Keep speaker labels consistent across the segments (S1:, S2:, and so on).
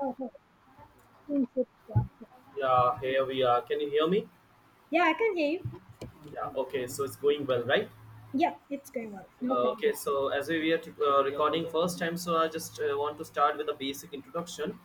S1: Oh, oh, seems it's blocked.
S2: Yeah, here we are. Can you hear me?
S1: Yeah, I can hear you.
S2: Yeah, okay, so it's going well, right?
S1: Yeah, it's going well. No
S2: Okay,
S1: problem.
S2: so as we were recording first time, so I just want to start with a basic introduction.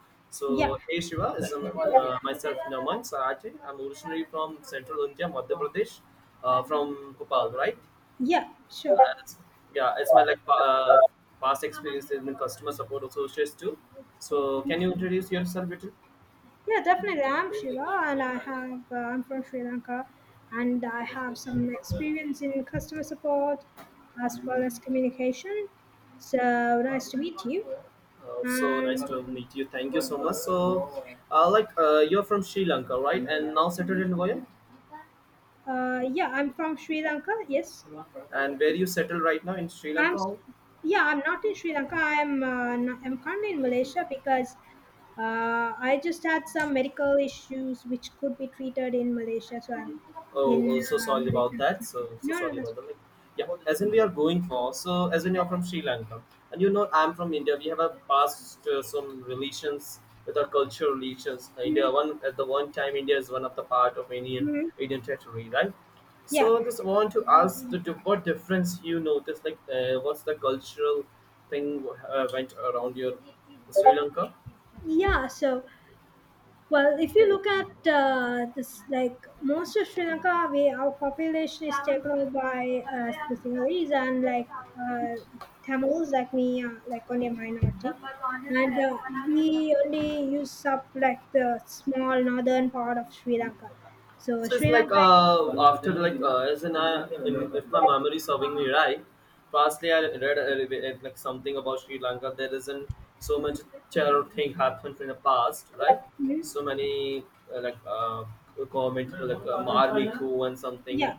S1: Yeah,
S2: So, hey Shiva, is myself Naman Sarate. I'm originally from Central India, Madhya Pradesh, from Bhopal, right?
S1: yeah, sure.
S2: Uh, it's, yeah, it's my past experience in customer support associates too. So, can you introduce yourself, little?
S1: Yeah, definitely. I'm Shiva, and I'm from Sri Lanka, and I have some experience in customer support as well as communication. So nice to meet you.
S2: So nice
S1: And
S2: to meet you. Thank you so much. So, you're from Sri Lanka, right? And now settled in Goa.
S1: yeah, I'm from Sri Lanka. Yes.
S2: And where you settle right now in Sri
S1: I'm,
S2: Lanka?
S1: yeah, I'm not in Sri Lanka. I'm currently in Malaysia because I just had some medical issues which could be treated in Malaysia. So I'm
S2: Oh, oh,
S1: in
S2: so sorry about
S1: Malaysia.
S2: that. So, so
S1: No, no,
S2: sorry
S1: that's
S2: about
S1: fine.
S2: that. Like, yeah, as in we are going for. So, as in you're from Sri Lanka, and you know I'm from India. We have a past some relations with our cultural relations. India
S1: hmm
S2: one at the one time India is one of the part of Indian
S1: hmm
S2: Indian territory, right?
S1: Yeah,
S2: So, just want to ask what difference you notice. Like, what's the cultural thing went around your Sri Lanka?
S1: yeah. Well, if you look at this, like most of Sri Lanka, we, our population is taken over by the Sinhalese and like Tamils, like me, like only a minority. And we only use up like the small northern part of Sri Lanka. So
S2: So it's
S1: Sri
S2: like
S1: Lanka,
S2: after like as in I, if, my memory serving me right, firstly I read something about Sri Lanka. There isn't so much terror thing happened in the past, right?
S1: mhm,
S2: So many uh, like uh, government like army coup and something
S1: yeah,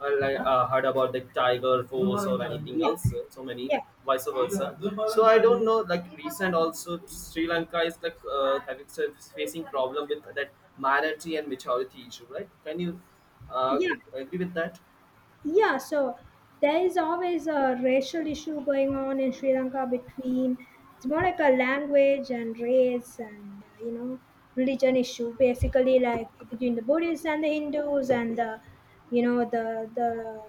S2: I like heard about the Tiger Force or anything
S1: yeah,
S2: else, so many
S1: yeah,
S2: vice versa. So I don't know. Like recent also, Sri Lanka is like having facing problem with that minority and majority issue, right? Can you uh,
S1: yeah.
S2: agree with that?
S1: Yeah, so there is always a racial issue going on in Sri Lanka between, it's more like a language and race and you know religion issue, basically like between the Buddhists and the Hindus and the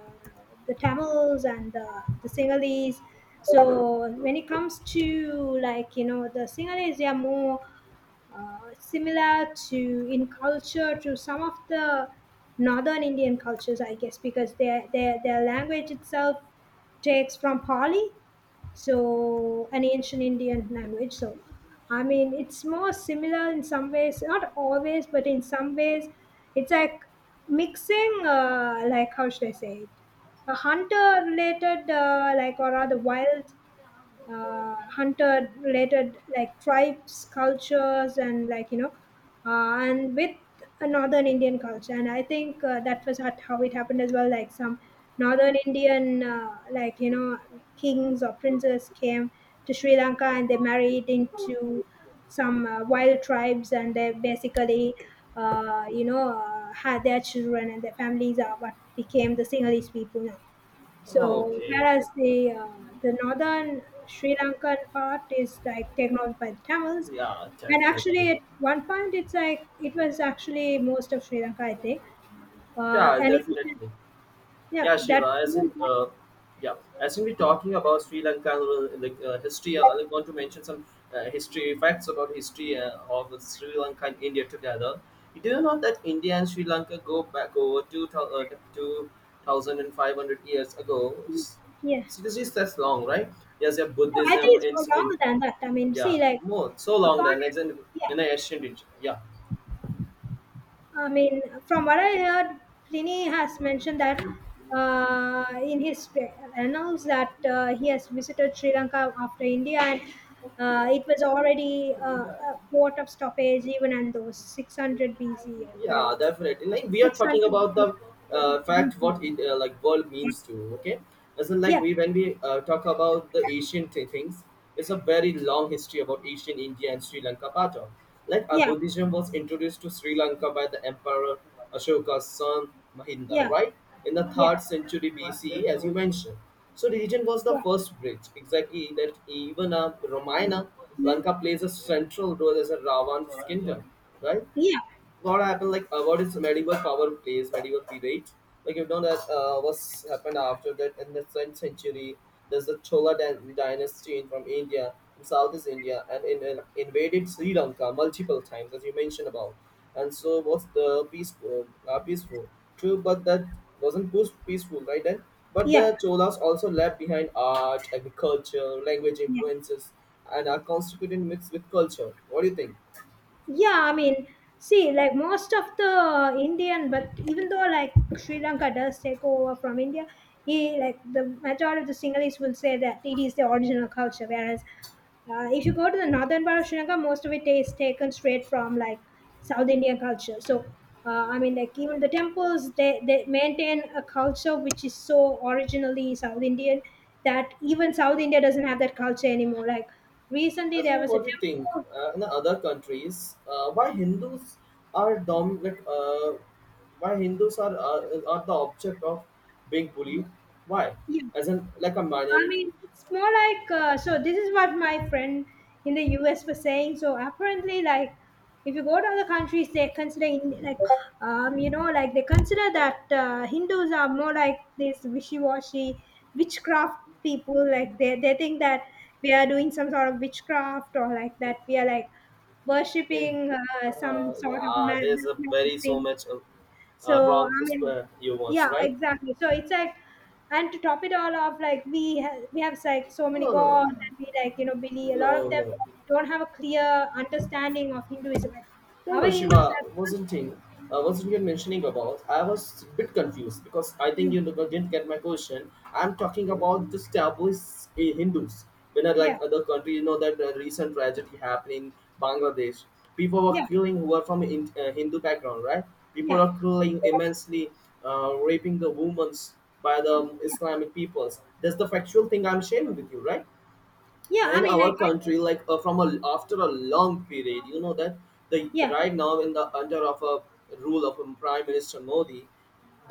S1: the Tamils and the Sinhalese. So when it comes to like you know the Sinhalese, they are more similar to, in culture, to some of the northern Indian cultures, I guess, because their language itself takes from Pali, so an ancient Indian language. So, I mean, it's more similar in some ways, not always, but in some ways, it's like mixing, like how should I say it, a hunter related, like or rather wild hunter related like tribes cultures and like you know and with a northern Indian culture. And I think that was how it happened as well. Like some northern Indian like you know kings or princes came to Sri Lanka and they married into some wild tribes and they basically had their children and their families are what became the Sinhalese people now.
S2: Oh,
S1: So
S2: okay,
S1: whereas the northern Sri Lankan part is like taken over by the Tamils,
S2: yeah,
S1: and
S2: definitely.
S1: actually at one point it's like it was actually most of Sri Lanka, I think. Uh,
S2: Yeah,
S1: and it was,
S2: definitely.
S1: yeah,
S2: Yeah,
S1: that
S2: Shiva. As in, yeah, as in we're talking about Sri Lanka, history. I want to mention some history facts about history of Sri Lanka and India together. Do you know that India and Sri Lanka go back over 2,000 two thousand and five hundred years ago? It's-
S1: yeah.
S2: Seriously, that's long, right? Yes, yeah,
S1: No, I
S2: Buddhism.
S1: think it's more
S2: It's in
S1: longer than that. I mean, see,
S2: yeah, more so long than
S1: according,
S2: it's
S1: yeah,
S2: in the ancient Egypt. Yeah,
S1: I mean, from what I heard, Pliny has mentioned that in his annals that he has visited Sri Lanka after India, and it was already a port of stoppage even in those 600 BC or
S2: yeah
S1: whatever.
S2: definitely like we are talking
S1: 600
S2: about the
S1: BC.
S2: fact what it like world means to okay as in like
S1: Yeah,
S2: we when we talk about the
S1: yeah,
S2: things. It's a very long history about asian india and sri lanka part of like
S1: yeah,
S2: buddhism was introduced to sri lanka by the emperor ashoka's son mahinda
S1: yeah,
S2: right in the
S1: yeah,
S2: 3rd century BCE as you mentioned. So religion was the
S1: yeah,
S2: first bridge exactly that even a Ramayana lanka
S1: mhm,
S2: plays a central role as a ravan's kingdom right.
S1: yeah, hmm,
S2: What happened like what is medieval power plays medieval period like you know that what's happened after that in the 10th century there's the dynasty in, from india in southeast india and in, invaded sri lanka multiple times as you mentioned about and so was the peaceful peaceful true but that wasn't peace- peaceful right then but the
S1: yeah,
S2: cholas also left behind art agriculture language
S1: yeah.
S2: influences and are constituted mixed with culture what do you think.
S1: Yeah, I mean, see, like most of the Indian, but even though like Sri Lanka does take over from India, he like the majority of the Sinhalese will say that it is the original culture. Whereas, if you go to the northern part of Sri Lanka, most of it is taken straight from like South Indian culture. So, I mean, like even the temples, they maintain a culture which is so originally South Indian that even South India doesn't have that culture anymore. Like recently,
S2: As in,
S1: there was a
S2: what do you think
S1: temple.
S2: in the other countries? Why Hindus are dom like why Hindus are the object of being bullied? Why?
S1: Yeah,
S2: As in, like a
S1: I
S2: minority
S1: mean, it's more like so. This is what my friend in the US was saying. So apparently, like if you go to other countries, they consider you know, like they consider that Hindus are more like this wishy-washy witchcraft people. Like they think that we are doing some sort of witchcraft, or like that we are like
S2: in
S1: worshipping some sort of
S2: yeah, there's a
S1: magic
S2: very so
S1: thing.
S2: much uh, uh,
S1: So I
S2: wrong pers-
S1: mean,
S2: uh, humors,
S1: yeah,
S2: right?
S1: exactly. So it's like, and to top it all off, like we have like so many
S2: No, no.
S1: gods,
S2: Hmm.
S1: and we like you know believe a lot of
S2: No,
S1: them
S2: no.
S1: don't have a clear understanding of Hinduism. Like
S2: No,
S1: our
S2: no,
S1: Hindus,
S2: Shiva,
S1: are-
S2: wasn't you mentioning about? I was a bit confused because I think you
S1: mm,
S2: never didn't get my question. I'm talking about the established Hindus. When I
S1: yeah,
S2: like other country, you know that recent tragedy happened in Bangladesh. People were
S1: yeah,
S2: killing who were from Hindu background, right? People
S1: yeah,
S2: are killing immensely, raping the women by the
S1: yeah,
S2: Islamic peoples. That's the factual thing I'm sharing with you, right?
S1: yeah. I
S2: In
S1: mean, like,
S2: our
S1: I think,
S2: country like from a after a long period you know that the
S1: yeah,
S2: right now in the under of a rule of prime minister modi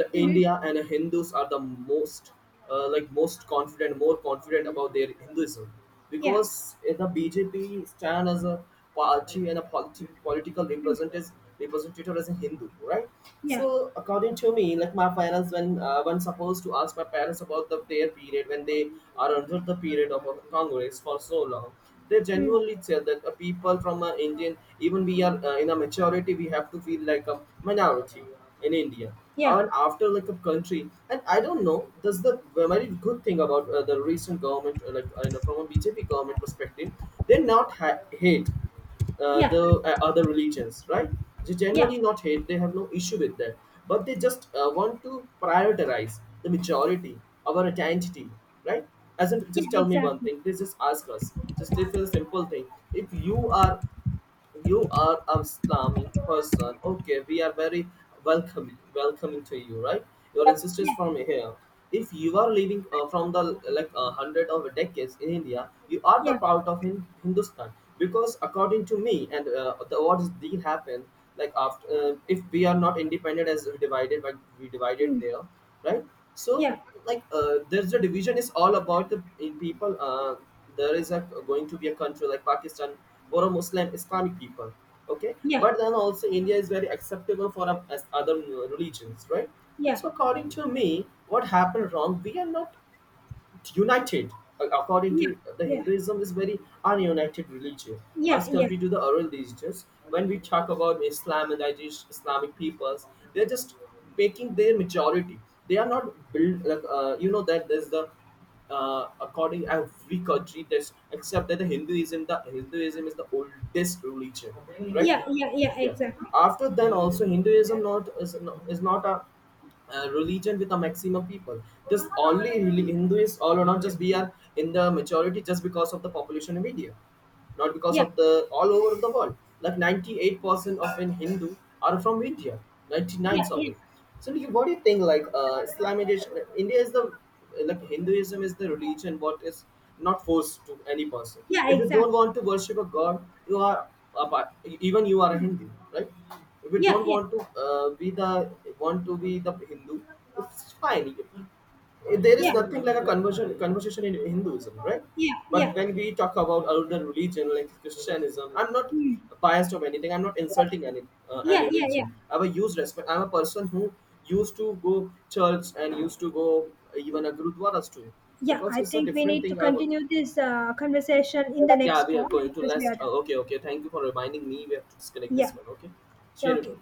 S2: the
S1: mm-hmm,
S2: india and the hindus are the most most confident more confident about their hinduism
S1: yeah,
S2: because the bjp stand as a party and a political
S1: mm,
S2: representative as a Hindu, right?
S1: yeah,
S2: So according to me, like my parents, when supposed to ask my parents about the their period when they are under the period of a Congress for so long, they
S1: mm,
S2: genuinely said that people from Indian, even we are in a majority, we have to feel like a minority in India
S1: yeah,
S2: and after like a country and I don't know that's the very good thing about the recent government like you know, from a bjp government perspective they not ha- hate
S1: yeah,
S2: the other religions, right? They
S1: yeah,
S2: generally not hate; they have no issue with that, but they just want to prioritize the majority, our identity, right? As in,
S1: yeah,
S2: just tell me one
S1: exactly,
S2: thing. They just ask us. Just it's a simple thing. If you are you are a Islamic person. Okay, we are very welcoming to you, right? Your ancestors
S1: yeah,
S2: from here. If you are living from the like hundred of decades in India, you are the
S1: yeah,
S2: part of Hindustan because according to me and the what is deal happened like after if we are not independent as we divided but we divided
S1: mm,
S2: there, right?
S1: yeah,
S2: So like there's a division is all about the in people. There is a going to be a country like pakistan or a muslim islamic people okay
S1: yeah,
S2: but then also india is very acceptable for as other religions right
S1: yeah,
S2: so according to me what happened wrong we are not united according to
S1: yeah,
S2: the
S1: yeah,
S2: hinduism is very ununited religion
S1: yeah,
S2: as
S1: yeah.
S2: compared to the other religions when we talk about islam and islamic peoples they're just making their majority they are not build like you know that there's the according every country there's except that the hinduism is the oldest religion
S1: Yeah,
S2: right
S1: yeah, yeah, exactly.
S2: yeah after then also hinduism not is not, is not a religion with a maximum people just only hinduists all or not just we are in the majority just because of the population in india not because
S1: Yeah,
S2: of the all over the world like 98% of in hindu are from india
S1: yeah,
S2: 99
S1: yeah,
S2: sorry so what do you think like islamization india is the like hinduism is the religion what is not forced to any person
S1: yeah,
S2: if you
S1: exactly.
S2: don't want to worship a god you are a part, even you are a hindu right if you
S1: Yeah,
S2: don't
S1: yeah,
S2: want to be the want to be the hindu it's fine there is
S1: yeah,
S2: nothing like a conversion conversation in Hinduism, right?
S1: yeah,
S2: But
S1: yeah.
S2: when we talk about other religion like Christianism, I'm not
S1: Mm.
S2: biased of anything. I'm not insulting any
S1: Yeah, yeah, yeah.
S2: religion. I will use respect. I'm a person who used to go church and used to go even a gurudwaras too,
S1: Yeah,
S2: because
S1: I
S2: it's a
S1: think we
S2: different
S1: need to
S2: thing. I would,
S1: continue this conversation in the next
S2: yeah, we are
S1: call
S2: going to
S1: because we are
S2: last.
S1: done.
S2: Okay, okay. Thank you for reminding me. We have to disconnect
S1: Yeah,
S2: this one. Okay, share.
S1: okay.